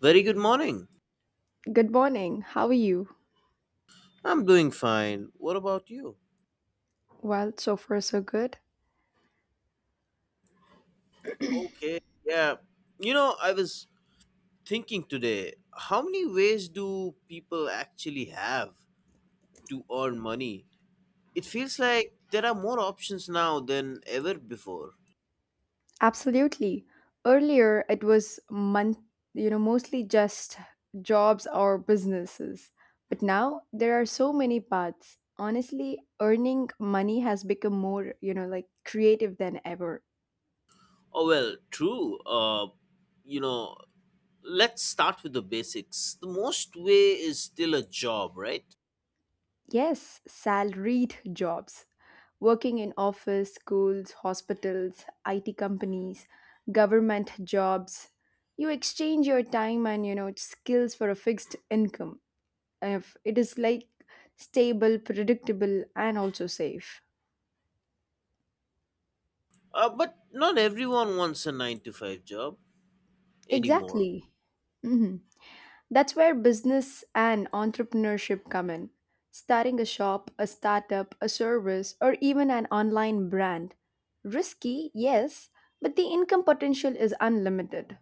Very good morning. Good morning. How are you? I'm doing fine. What about you? Well, so far so good. Okay, yeah. You know, I was thinking today, how many ways do people actually have to earn money? It feels like there are more options now than ever before. Absolutely. Earlier it was month, mostly just jobs or businesses. But now there are so many paths. Honestly, earning money has become more, like creative than ever. Oh, well, true. You know, let's start with the basics. The most way is still a job, right? Yes, salaried jobs. Working in office, schools, hospitals, IT companies, government jobs. You exchange your time and skills for a fixed income. If it is like stable, predictable and also safe. But not everyone wants a 9 to 5 job anymore. Exactly. hmm That's where business and entrepreneurship come in. Starting a shop, a startup, a service, or even an online brand. Risky, yes, but the income potential is unlimited.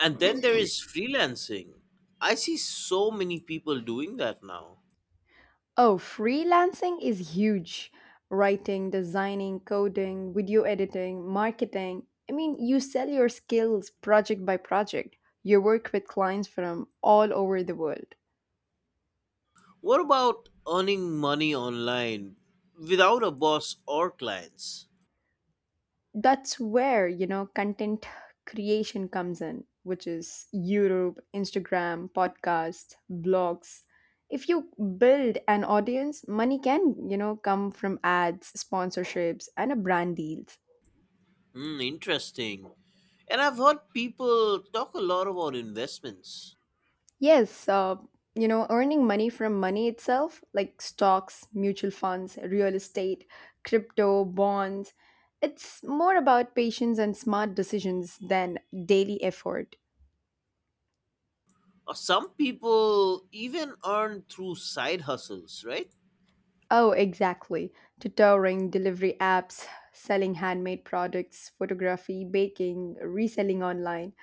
And then there is freelancing. I see so many people doing that now. Oh, freelancing is huge. Writing, designing, coding, video editing, marketing. I mean, you sell your skills project by project. You work with clients from all over the world. What about earning money online without a boss or clients? That's where content creation comes in, which is YouTube, Instagram, podcasts, blogs. If you build an audience, money can, come from ads, sponsorships and a brand deals. Hmm, interesting. And I've heard people talk a lot about investments. Yes, earning money from money itself, like stocks, mutual funds, real estate, crypto, bonds. It's more about patience and smart decisions than daily effort. Some people even earn through side hustles, right? Oh, exactly. Tutoring, delivery apps, selling handmade products, photography, baking, reselling online.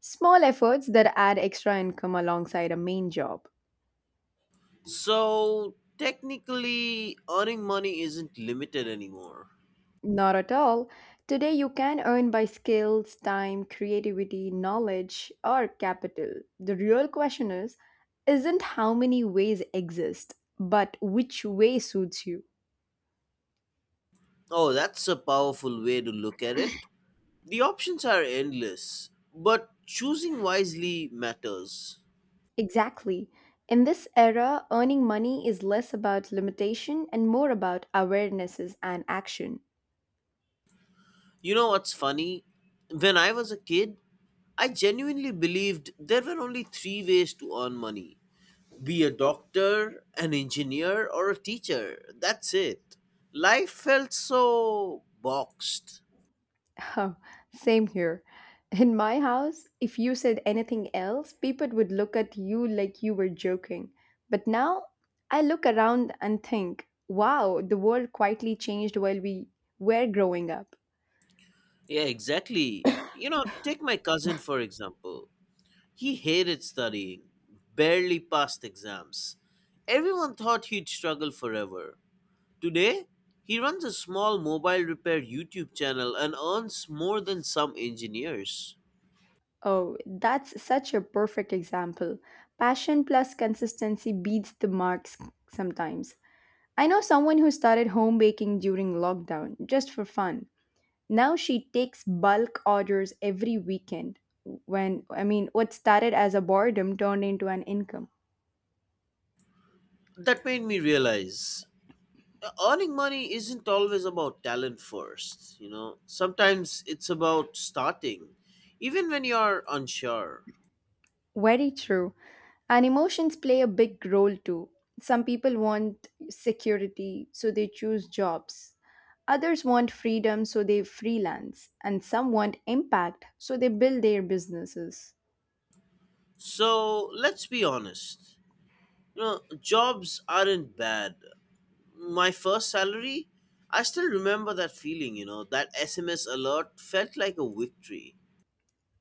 Small efforts that add extra income alongside a main job. So technically, earning money isn't limited anymore. Not at all. Today, you can earn by skills, time, creativity, knowledge, or capital. The real question is isn't how many ways exist, but which way suits you. Oh, that's a powerful way to look at it. The options are endless, but choosing wisely matters. Exactly. In this era, earning money is less about limitation and more about awarenesses and action. You know what's funny? When I was a kid, I genuinely believed there were only three ways to earn money: be a doctor, an engineer, or a teacher. That's it. Life felt so boxed. Oh, same here. In my house, if you said anything else, people would look at you like you were joking. But now, I look around and think, wow, the world quietly changed while we were growing up. Yeah, exactly. Take my cousin for example. He hated studying, barely passed exams. Everyone thought he'd struggle forever. Today, he runs a small mobile repair YouTube channel and earns more than some engineers. Oh, that's such a perfect example. Passion plus consistency beats the marks sometimes. I know someone who started home baking during lockdown just for fun. Now she takes bulk orders every weekend. When, I mean, what started as a boredom turned into an income. That made me realize earning money isn't always about talent first. Sometimes it's about starting, even when you're unsure. Very true. And emotions play a big role too. Some people want security, so they choose jobs. Others want freedom, so they freelance. And some want impact, so they build their businesses. So let's be honest. Jobs aren't bad. My first salary, I still remember that feeling, that SMS alert felt like a victory.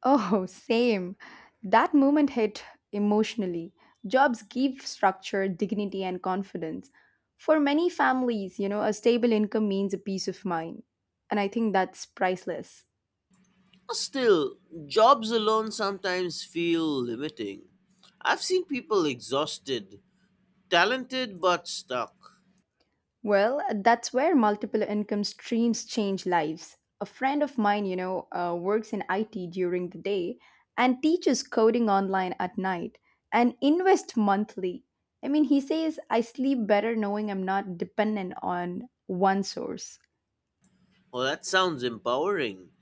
Oh, same. That moment hit emotionally. Jobs give structure, dignity, and confidence. For many families, a stable income means a peace of mind. And I think that's priceless. Still, jobs alone sometimes feel limiting. I've seen people exhausted, talented but stuck. Well, that's where multiple income streams change lives. A friend of mine, works in IT during the day and teaches coding online at night and invest monthly. I mean, he says, I sleep better knowing I'm not dependent on one source. Oh, that sounds empowering.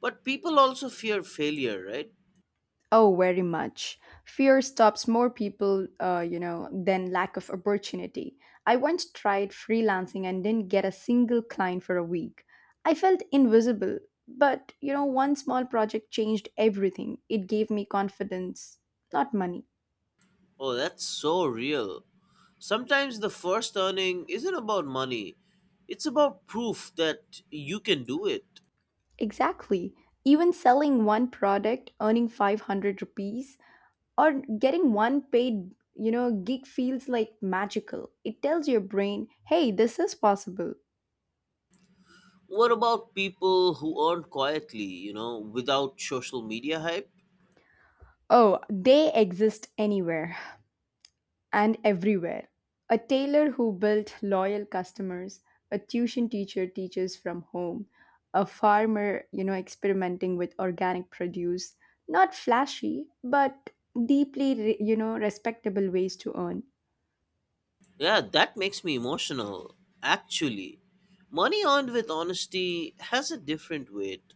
But people also fear failure, right? Oh, very much. Fear stops more people, than lack of opportunity. I once tried freelancing and didn't get a single client for a week. I felt invisible, but, one small project changed everything. It gave me confidence, not money. Oh, that's so real. Sometimes the first earning isn't about money, it's about proof that you can do it. Exactly. Even selling one product, earning 500 rupees, or getting one paid, gig feels like magical. It tells your brain, hey, this is possible. What about people who earn quietly, without social media hype? Oh, they exist anywhere and everywhere. A tailor who built loyal customers, a tuition teacher teaches from home, a farmer, experimenting with organic produce. Not flashy, but deeply, respectable ways to earn. Yeah, that makes me emotional, actually. Money earned with honesty has a different weight.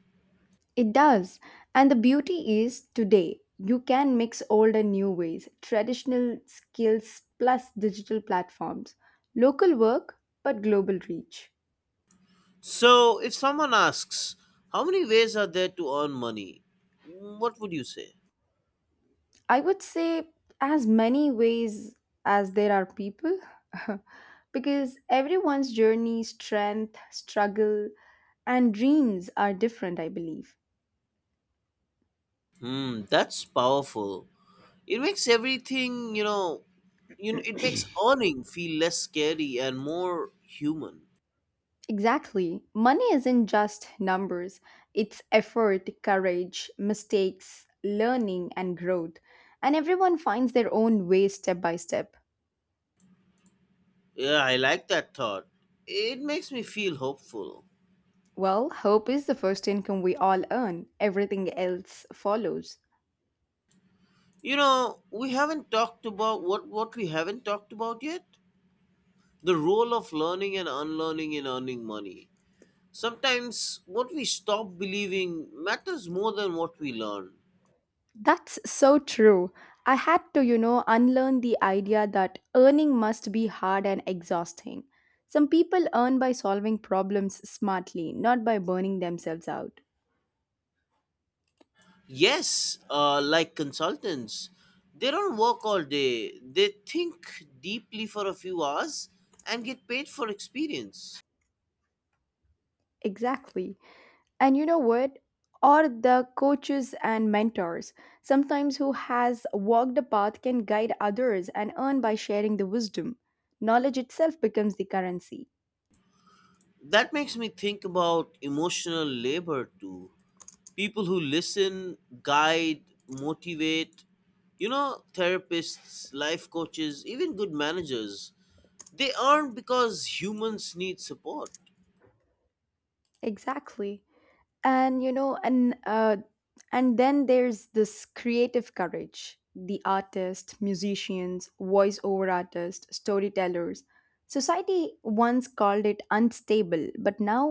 It does. And the beauty is today, you can mix old and new ways, traditional skills plus digital platforms, local work, but global reach. So, if someone asks, how many ways are there to earn money? What would you say? I would say as many ways as there are people, because everyone's journey, strength, struggle, and dreams are different, I believe. Hmm, that's powerful. It makes everything, you know, you it makes earning feel less scary and more human. Exactly. Money isn't just numbers, it's effort, courage, mistakes, learning, and growth. And everyone finds their own way step by step. Yeah, I like that thought. It makes me feel hopeful. Well, hope is the first income we all earn, everything else follows. We haven't talked about what we haven't talked about yet. The role of learning and unlearning in earning money. Sometimes what we stop believing matters more than what we learn. That's so true. I had to, unlearn the idea that earning must be hard and exhausting. Some people earn by solving problems smartly, not by burning themselves out. Yes, like consultants, they don't work all day. They think deeply for a few hours and get paid for experience. Exactly. And you know what? Or the coaches and mentors, sometimes who has walked the path can guide others and earn by sharing the wisdom. Knowledge itself becomes the currency. That makes me think about emotional labor too. People who listen, guide, motivate, therapists, life coaches, even good managers, they aren't because humans need support. Exactly. and you know and then there's this creative courage, the artists, musicians, voice over artists, storytellers. Society once called it unstable, but now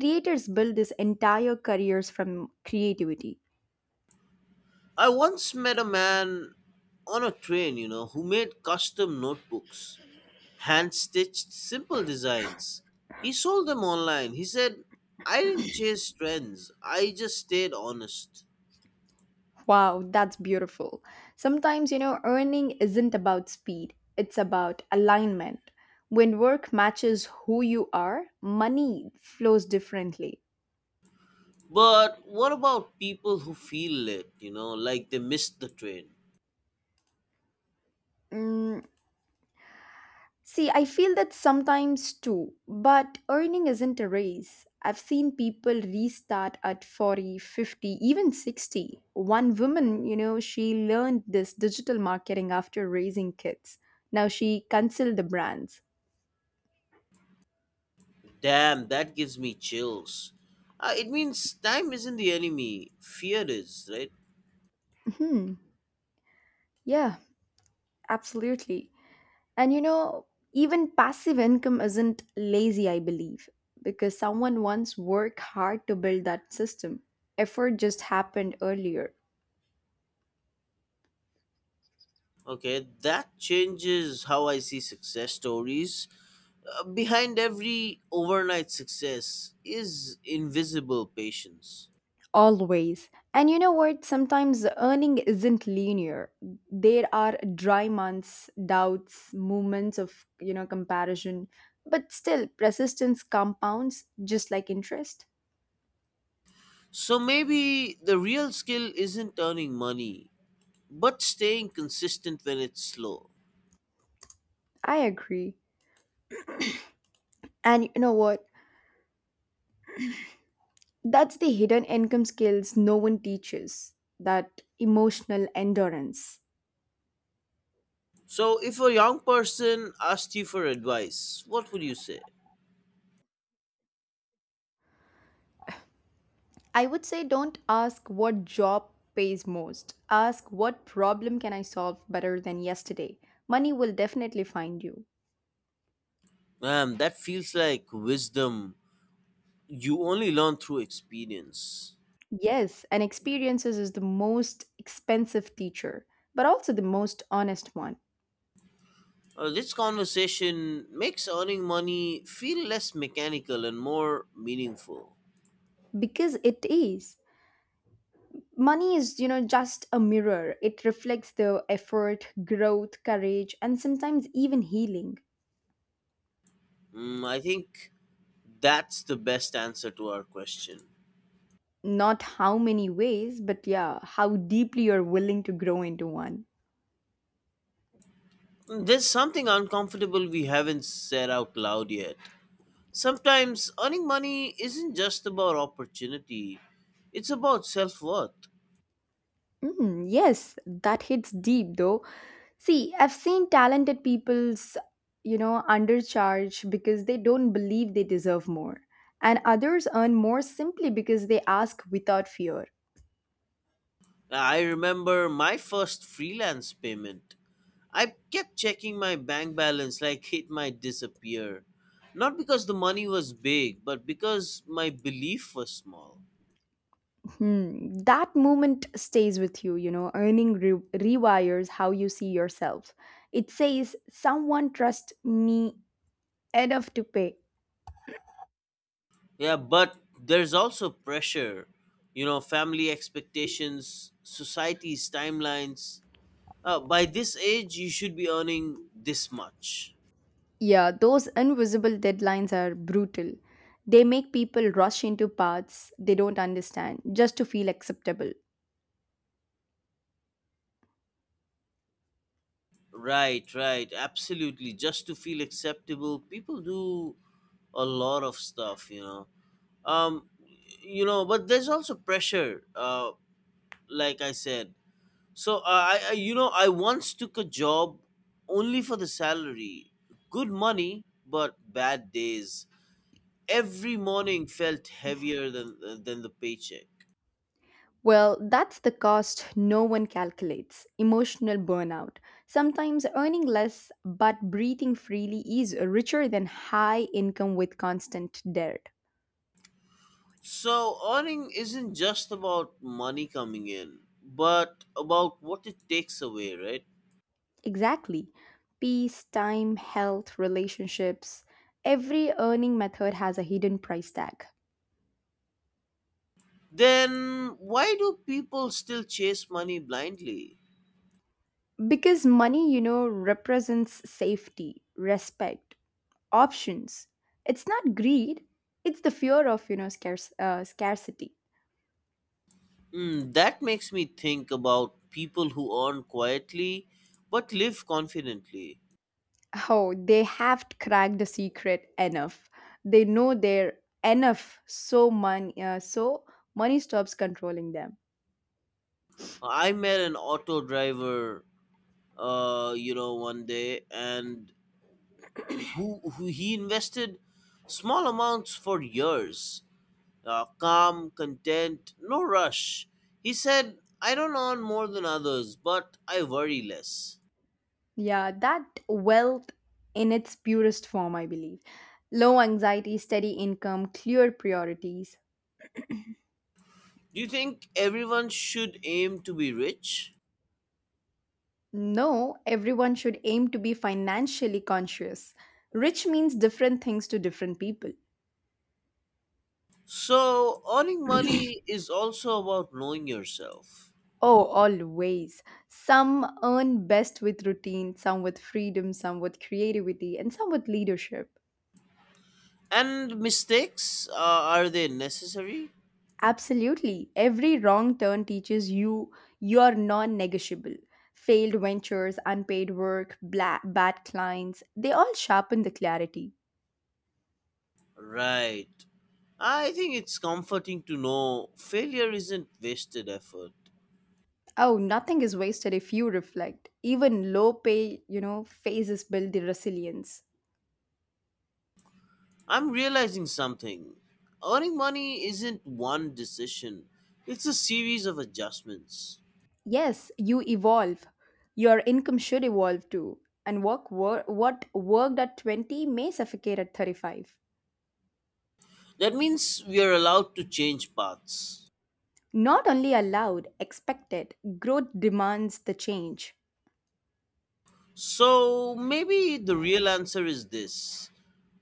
creators build this entire careers from creativity. I once met a man on a train, who made custom notebooks, hand stitched, simple designs. He sold them online. He said, "I didn't chase trends, I just stayed honest." Wow, that's beautiful. Sometimes, earning isn't about speed, it's about alignment. When work matches who you are, money flows differently. But what about people who feel late, like they missed the train? Mm, see, I feel that sometimes too, but earning isn't a race. I've seen people restart at 40, 50, even 60. One woman, she learned this digital marketing after raising kids. Now she consults the brands. Damn, that gives me chills. It means time isn't the enemy, fear is, right? hmm Yeah, absolutely. And even passive income isn't lazy, I believe, because someone once worked hard to build that system. Effort just happened earlier. Okay, that changes how I see success stories. Behind every overnight success is invisible patience. Always. And you know what? Sometimes earning isn't linear. There are dry months, doubts, moments of, comparison. But still, persistence compounds just like interest. So maybe the real skill isn't earning money, but staying consistent when it's slow. I agree. And you know what? That's the hidden income skills no one teaches, that emotional endurance. So if a young person asked you for advice, what would you say? I would say don't ask what job pays most. Ask what problem can I solve better than yesterday. Money will definitely find you. Man, that feels like wisdom you only learn through experience. Yes, and experiences is the most expensive teacher, but also the most honest one This conversation makes earning money feel less mechanical and more meaningful. because it is. Money is, just a mirror. It reflects the effort, growth, courage, and sometimes even healing. I think that's the best answer to our question. Not how many ways, but yeah, how deeply you're willing to grow into one. There's something uncomfortable we haven't said out loud yet. Sometimes earning money isn't just about opportunity, it's about self worth. Mm, yes, that hits deep though. See, I've seen talented people's, undercharge because they don't believe they deserve more. And others earn more simply because they ask without fear. I remember my first freelance payment. I kept checking my bank balance like it might disappear. Not because the money was big, but because my belief was small. Hmm, that moment stays with you, rewires how you see yourself. It says, someone trust me enough to pay. Yeah, but there's also pressure. Family expectations, society's timelines. By this age, you should be earning this much. Yeah, those invisible deadlines are brutal. They make people rush into paths they don't understand just to feel acceptable. Right, right, absolutely. Just to feel acceptable, people do a lot of stuff. Um, but there's also pressure. Like I said. So I once took a job only for the salary. Good money, but bad days. Every morning felt heavier than the paycheck. Well, that's the cost no one calculates, emotional burnout. Sometimes earning less but breathing freely is richer than high income with constant debt. So earning isn't just about money coming in, but about what it takes away, right? Exactly. Peace, time, health, relationships. Every earning method has a hidden price tag. Then why do people still chase money blindly? Because money, represents safety, respect, options. It's not greed, it's the fear of, scarcity. That makes me think about people who earn quietly but live confidently. Oh, they have cracked the secret enough. They know they're enough, so money stops controlling them. I met an auto driver, one day, and who he invested small amounts for years. Calm, content, no rush. He said, "I don't earn more than others, but I worry less." Yeah, that wealth in its purest form, I believe. Low anxiety, steady income, clear priorities. Do you think everyone should aim to be rich? No, everyone should aim to be financially conscious. Rich means different things to different people. So, earning money is also about knowing yourself. Oh, always. Some earn best with routine, some with freedom, some with creativity, and some with leadership. And mistakes, are they necessary? Absolutely. Every wrong turn teaches you your non negotiable. Failed ventures, unpaid work, bad clients, they all sharpen the clarity. Right. I think it's comforting to know failure isn't wasted effort. Oh, nothing is wasted if you reflect. Even low pay, phases build the resilience. I'm realizing something. Earning money isn't one decision, it's a series of adjustments. Yes, you evolve. Your income should evolve too. And what worked at 20 may suffocate at 35. That means we are allowed to change paths. Not only allowed, expected. Growth demands the change. So maybe the real answer is this: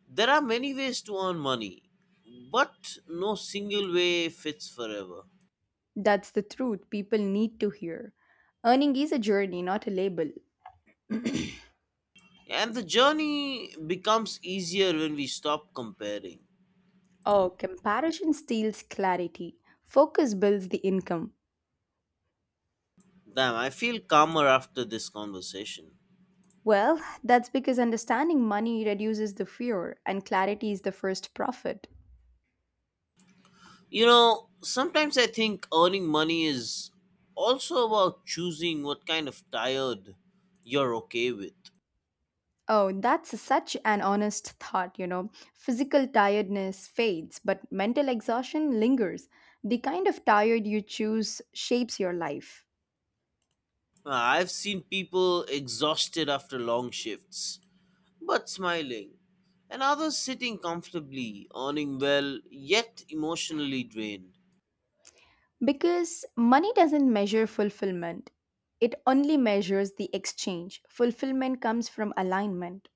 there are many ways to earn money, but no single way fits forever. That's the truth people need to hear. Earning is a journey, not a label. And the journey becomes easier when we stop comparing. Oh, comparison steals clarity. Focus builds the income. Damn, I feel calmer after this conversation. Well, that's because understanding money reduces the fear and clarity is the first profit. Sometimes I think earning money is also about choosing what kind of tired you're okay with. Oh, that's such an honest thought, Physical tiredness fades, but mental exhaustion lingers. The kind of tired you choose shapes your life. I've seen people exhausted after long shifts, but smiling, and others sitting comfortably, earning well, yet emotionally drained. Because money doesn't measure fulfillment, it only measures the exchange. Fulfillment comes from alignment.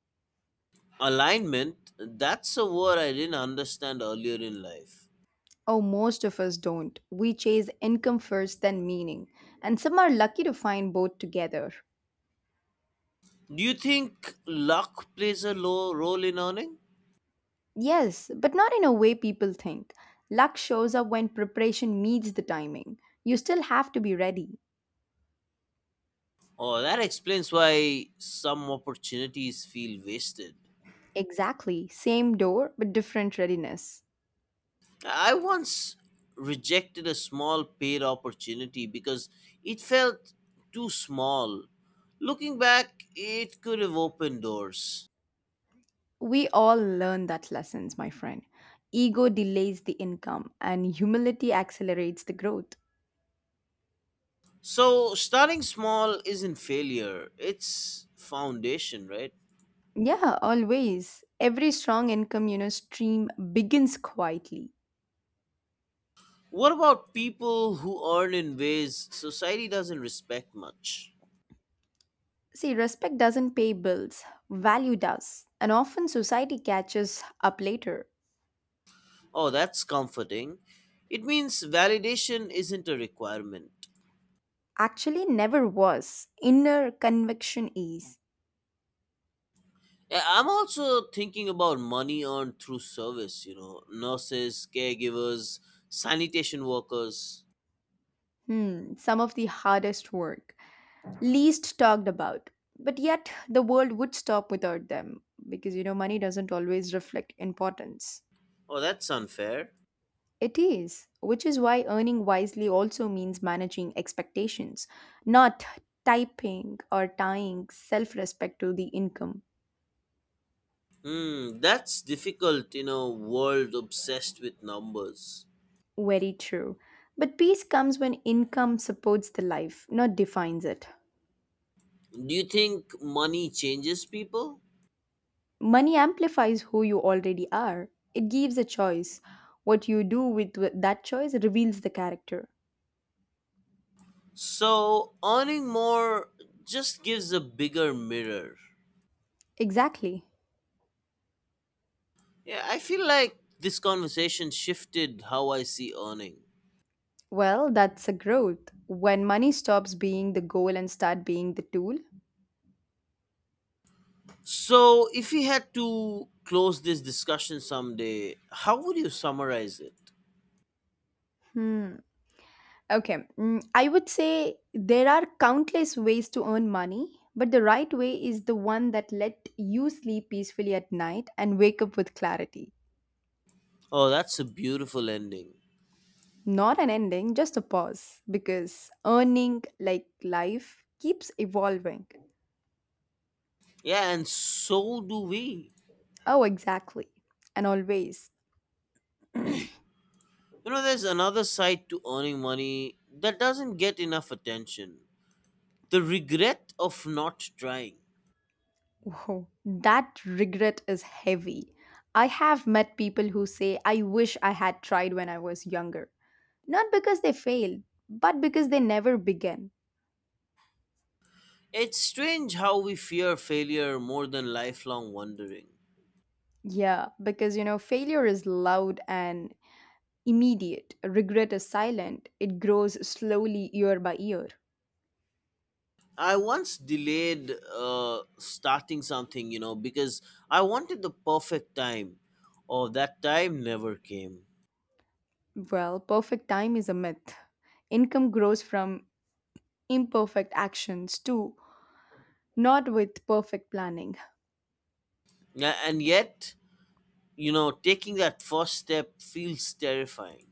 Alignment, that's a word I didn't understand earlier in life. Oh, most of us don't. We chase income first, then meaning. And some are lucky to find both together. Do you think luck plays a low role in earning? Yes, but not in a way people think. Luck shows up when preparation meets the timing. You still have to be ready. Oh, that explains why some opportunities feel wasted. Exactly. Same door, but different readiness. I once rejected a small paid opportunity because it felt too small. Looking back, it could have opened doors. We all learn that lessons, my friend. Ego delays the income and humility accelerates the growth. So, starting small isn't failure, it's foundation, right? Yeah, always. Every strong income, stream begins quietly. What about people who earn in ways society doesn't respect much? See, respect doesn't pay bills, value does. And often society catches up later. Oh, that's comforting. It means validation isn't a requirement. Actually, never was. Inner conviction is, Yeah, I'm also thinking about money earned through service, nurses, caregivers, sanitation workers. hmm, some of the hardest work, least talked about. But yet, the world would stop without them because money doesn't always reflect importance. Oh, that's unfair. It is, which is why earning wisely also means managing expectations, not typing or tying self respect to the income. Hmm, that's difficult in a world obsessed with numbers. Very true. But peace comes when income supports the life, not defines it. Do you think money changes people? Money amplifies who you already are. It gives a choice. What you do with that choice reveals the character. So, earning more just gives a bigger mirror. Exactly. Yeah, I feel like this conversation shifted how I see earning. Well, that's a growth. When money stops being the goal and start being the tool. So, if you had to close this discussion someday, how would you summarize it? Hmm. Okay. I would say there are countless ways to earn money, but the right way is the one that let you sleep peacefully at night and wake up with clarity. Oh, that's a beautiful ending. Not an ending, just a pause because earning like life keeps evolving. Yeah, and so do we. Oh, exactly. And always. There's another side to earning money that doesn't get enough attention: the regret of not trying. Whoa, that regret is heavy. I have met people who say, I wish I had tried when I was younger. Not because they failed, but because they never began. It's strange how we fear failure more than lifelong wondering. Yeah, because failure is loud and immediate. Regret is silent, it grows slowly year by year. I once delayed starting something, because I wanted the perfect time. Oh, that time never came. Well, perfect time is a myth. Income grows from imperfect actions too, not with perfect planning. Yeah, and yet, taking that first step feels terrifying.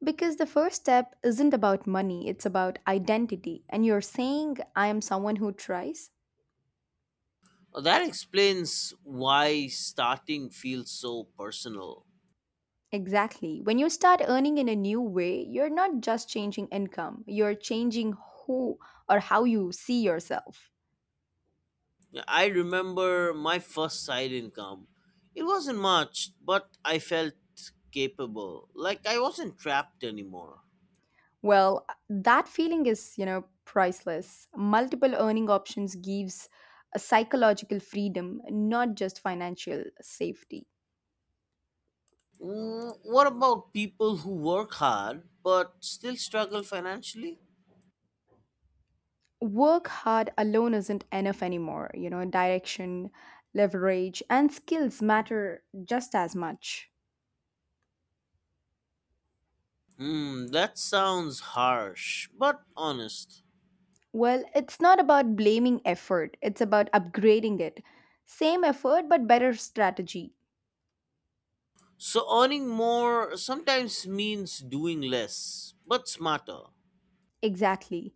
Because the first step isn't about money, it's about identity. And you're saying, I am someone who tries? That explains why starting feels so personal. Exactly. When you start earning in a new way, you're not just changing income, you're changing who or how you see yourself. Yeah, I remember my first side income. It wasn't much, but I felt capable. Like I wasn't trapped anymore. Well, that feeling is, priceless. Multiple earning options gives a psychological freedom, not just financial safety. What about people who work hard but still struggle financially? Work hard alone isn't enough anymore. You know, direction, leverage, and skills matter just as much. Hmm, that sounds harsh, but honest. Well, it's not about blaming effort, it's about upgrading it. Same effort, but better strategy. So earning more sometimes means doing less, but smarter. Exactly.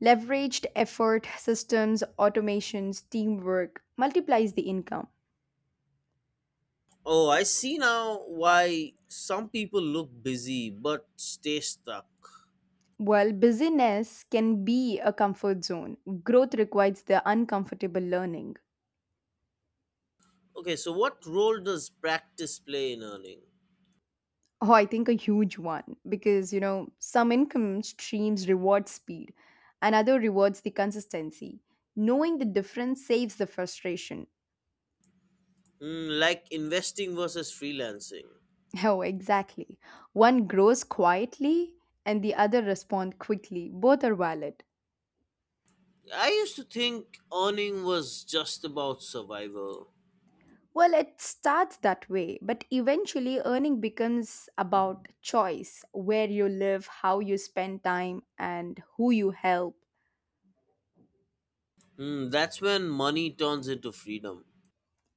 Leveraged effort, systems, automations, teamwork multiplies the income. Oh, I see now why some people look busy but stay stuck. While busyness can be a comfort zone, growth requires the uncomfortable learning. Okay, so what role does practice play in earning? Oh, I think a huge one because you know some income streams reward speed, another rewards the consistency. Knowing the difference saves the frustration. Like investing versus freelancing. Oh, exactly. One grows quietly and the other respond quickly. Both are valid. I used to think earning was just about survival. Well, it starts that way, but eventually earning becomes about choice, where you live, how you spend time, and who you help. That's when money turns into freedom.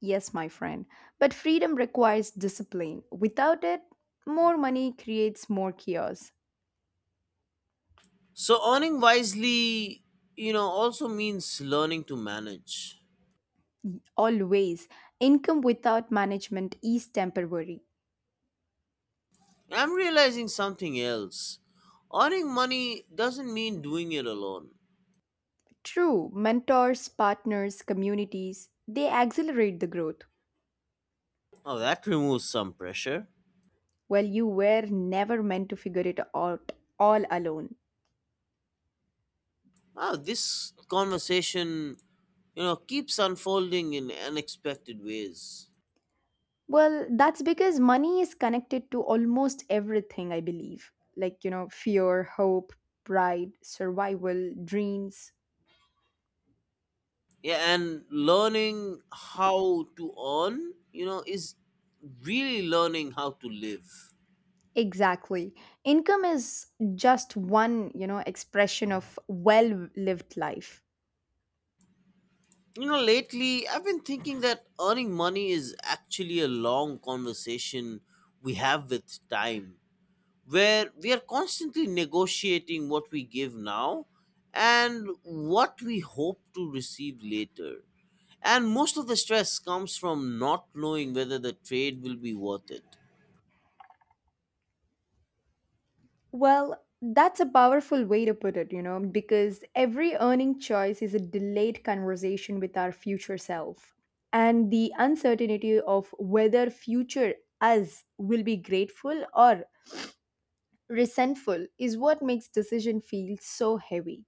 Yes, my friend. But freedom requires discipline. Without it, more money creates more chaos. So earning wisely, also means learning to manage. Always, income without management is temporary. I'm realizing something else. Earning money doesn't mean doing it alone. True, mentors, partners, communities, they accelerate the growth. Oh, that removes some pressure. Well, you were never meant to figure it out all alone. Oh, this conversation, keeps unfolding in unexpected ways. Well, that's because money is connected to almost everything, I believe. Like, you know, fear, hope, pride, survival, dreams. Yeah, and learning how to earn, is really learning how to live. Exactly. Income is just one, expression of well-lived life. Lately I've been thinking that earning money is actually a long conversation we have with time, where we are constantly negotiating what we give now and what we hope to receive later. And most of the stress comes from not knowing whether the trade will be worth it. Well, that's a powerful way to put it, because every earning choice is a delayed conversation with our future self. And the uncertainty of whether future us will be grateful or resentful is what makes decision feel so heavy.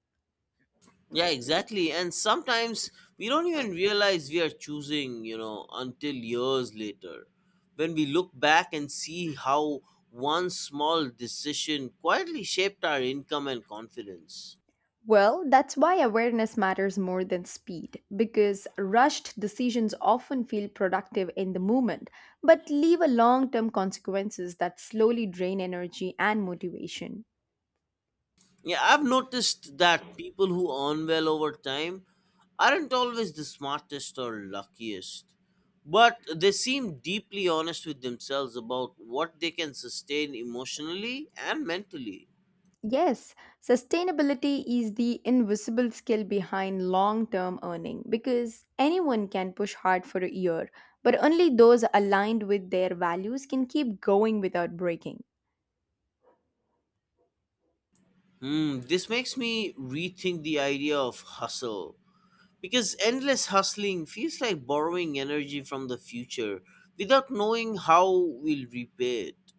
Yeah, exactly. And sometimes we don't even realize we are choosing, until years later, when we look back and see how one small decision quietly shaped our income and confidence. Well, that's why awareness matters more than speed, because rushed decisions often feel productive in the moment, but leave a long term consequences that slowly drain energy and motivation. Yeah, I've noticed that people who earn well over time aren't always the smartest or luckiest, but they seem deeply honest with themselves about what they can sustain emotionally and mentally. Yes, sustainability is the invisible skill behind long term earning because anyone can push hard for a year, but only those aligned with their values can keep going without breaking. Hmm, this makes me rethink the idea of hustle, because endless hustling feels like borrowing energy from the future without knowing how we'll repay it.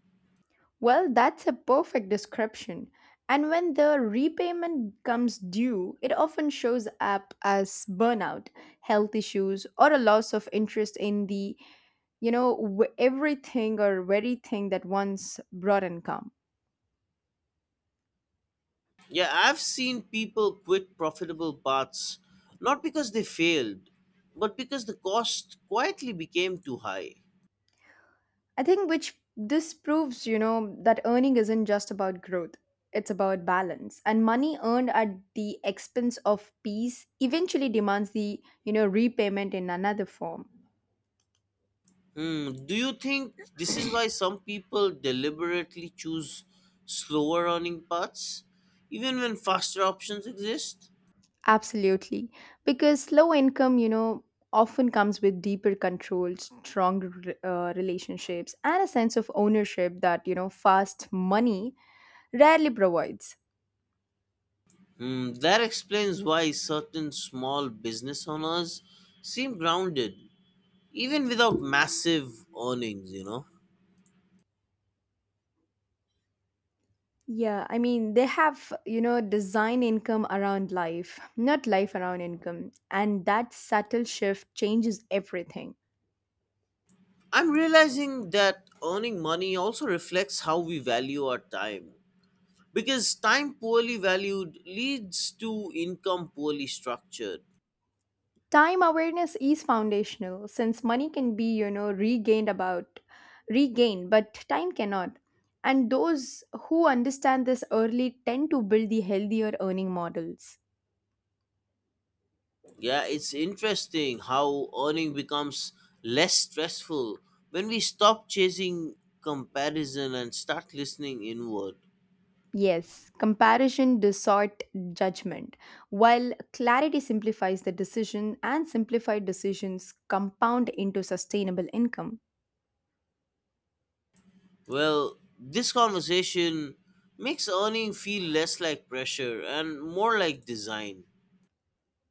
Well, that's a perfect description. And when the repayment comes due, it often shows up as burnout, health issues, or a loss of interest in the, you know, w- everything or very thing that once brought income. Yeah, I've seen people quit profitable paths not because they failed, but because the cost quietly became too high. I think which this proves, that earning isn't just about growth. It's about balance. And money earned at the expense of peace eventually demands the repayment in another form. Hmm, do you think this is why some people deliberately choose slower earning paths, even when faster options exist? Absolutely. Because low income, often comes with deeper control, strong relationships, and a sense of ownership that, fast money rarely provides. Hmm, that explains why certain small business owners seem grounded, even without massive earnings, you know? Yeah, I mean, they have, design income around life, not life around income. And that subtle shift changes everything. I'm realizing that earning money also reflects how we value our time, because time poorly valued leads to income poorly structured. Time awareness is foundational since money can be regained but time cannot, and those who understand this early tend to build the healthier earning models. Yeah, it's interesting how earning becomes less stressful when we stop chasing comparison and start listening inward. Yes, comparison distort judgment, while clarity simplifies the decision, and simplified decisions compound into sustainable income. Well, this conversation makes earning feel less like pressure and more like design.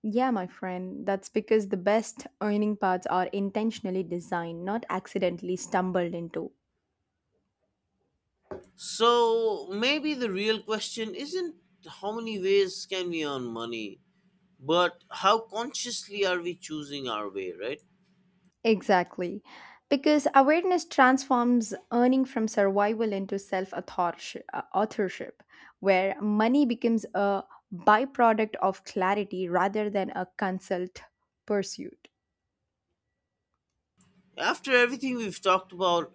Yeah, my friend, that's because the best earning paths are intentionally designed, not accidentally stumbled into. So maybe the real question isn't how many ways can we earn money, but how consciously are we choosing our way, right? Exactly. Because awareness transforms earning from survival into self authorship, where money becomes a byproduct of clarity rather than a consult pursuit. After everything we've talked about,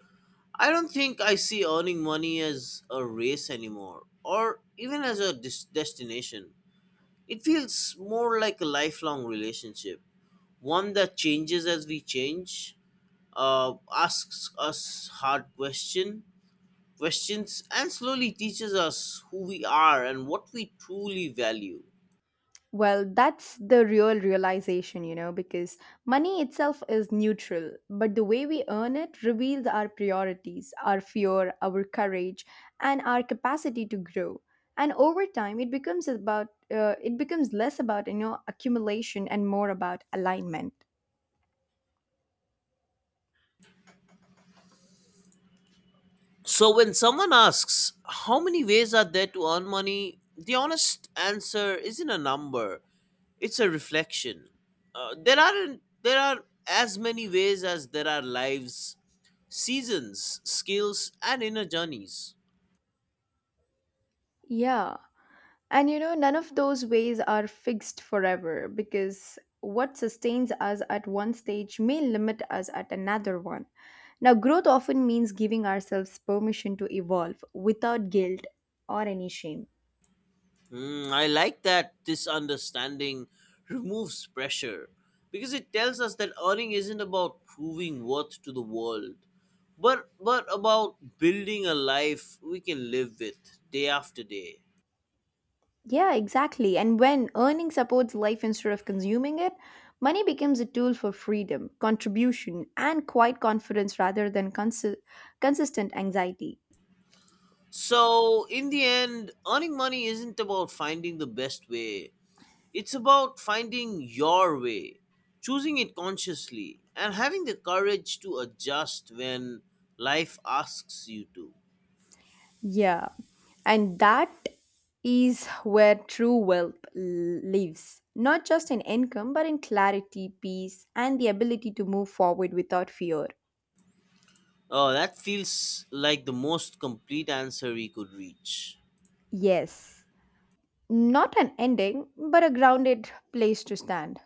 I don't think I see earning money as a race anymore or even as a destination. It feels more like a lifelong relationship, one that changes as we change, asks us hard questions, and slowly teaches us who we are and what we truly value. Well, that's the real realization, because money itself is neutral, but the way we earn it reveals our priorities, our fear, our courage, and our capacity to grow. And over time, it becomes about it becomes less about accumulation and more about alignment. So, when someone asks, how many ways are there to earn money? The honest answer isn't a number, it's a reflection. There, aren't, there are as many ways as there are lives, seasons, skills, and inner journeys. Yeah. And you know, none of those ways are fixed forever because what sustains us at one stage may limit us at another one. Now, growth often means giving ourselves permission to evolve without guilt or any shame. I like that this understanding removes pressure, because it tells us that earning isn't about proving worth to the world, but about building a life we can live with day after day. Yeah, exactly. And when earning supports life instead of consuming it, money becomes a tool for freedom, contribution, and quiet confidence rather than consistent anxiety. So in the end, earning money isn't about finding the best way. It's about finding your way, choosing it consciously, and having the courage to adjust when life asks you to. Yeah. And that is where true wealth lives, not just in income, but in clarity, peace, and the ability to move forward without fear. Oh, that feels like the most complete answer we could reach. Yes, not an ending, but a grounded place to stand.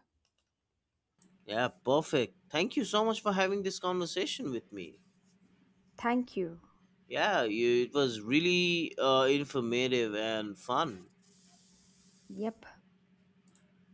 Yeah, perfect. Thank you so much for having this conversation with me. Thank you. Yeah, it was really informative and fun. Yep.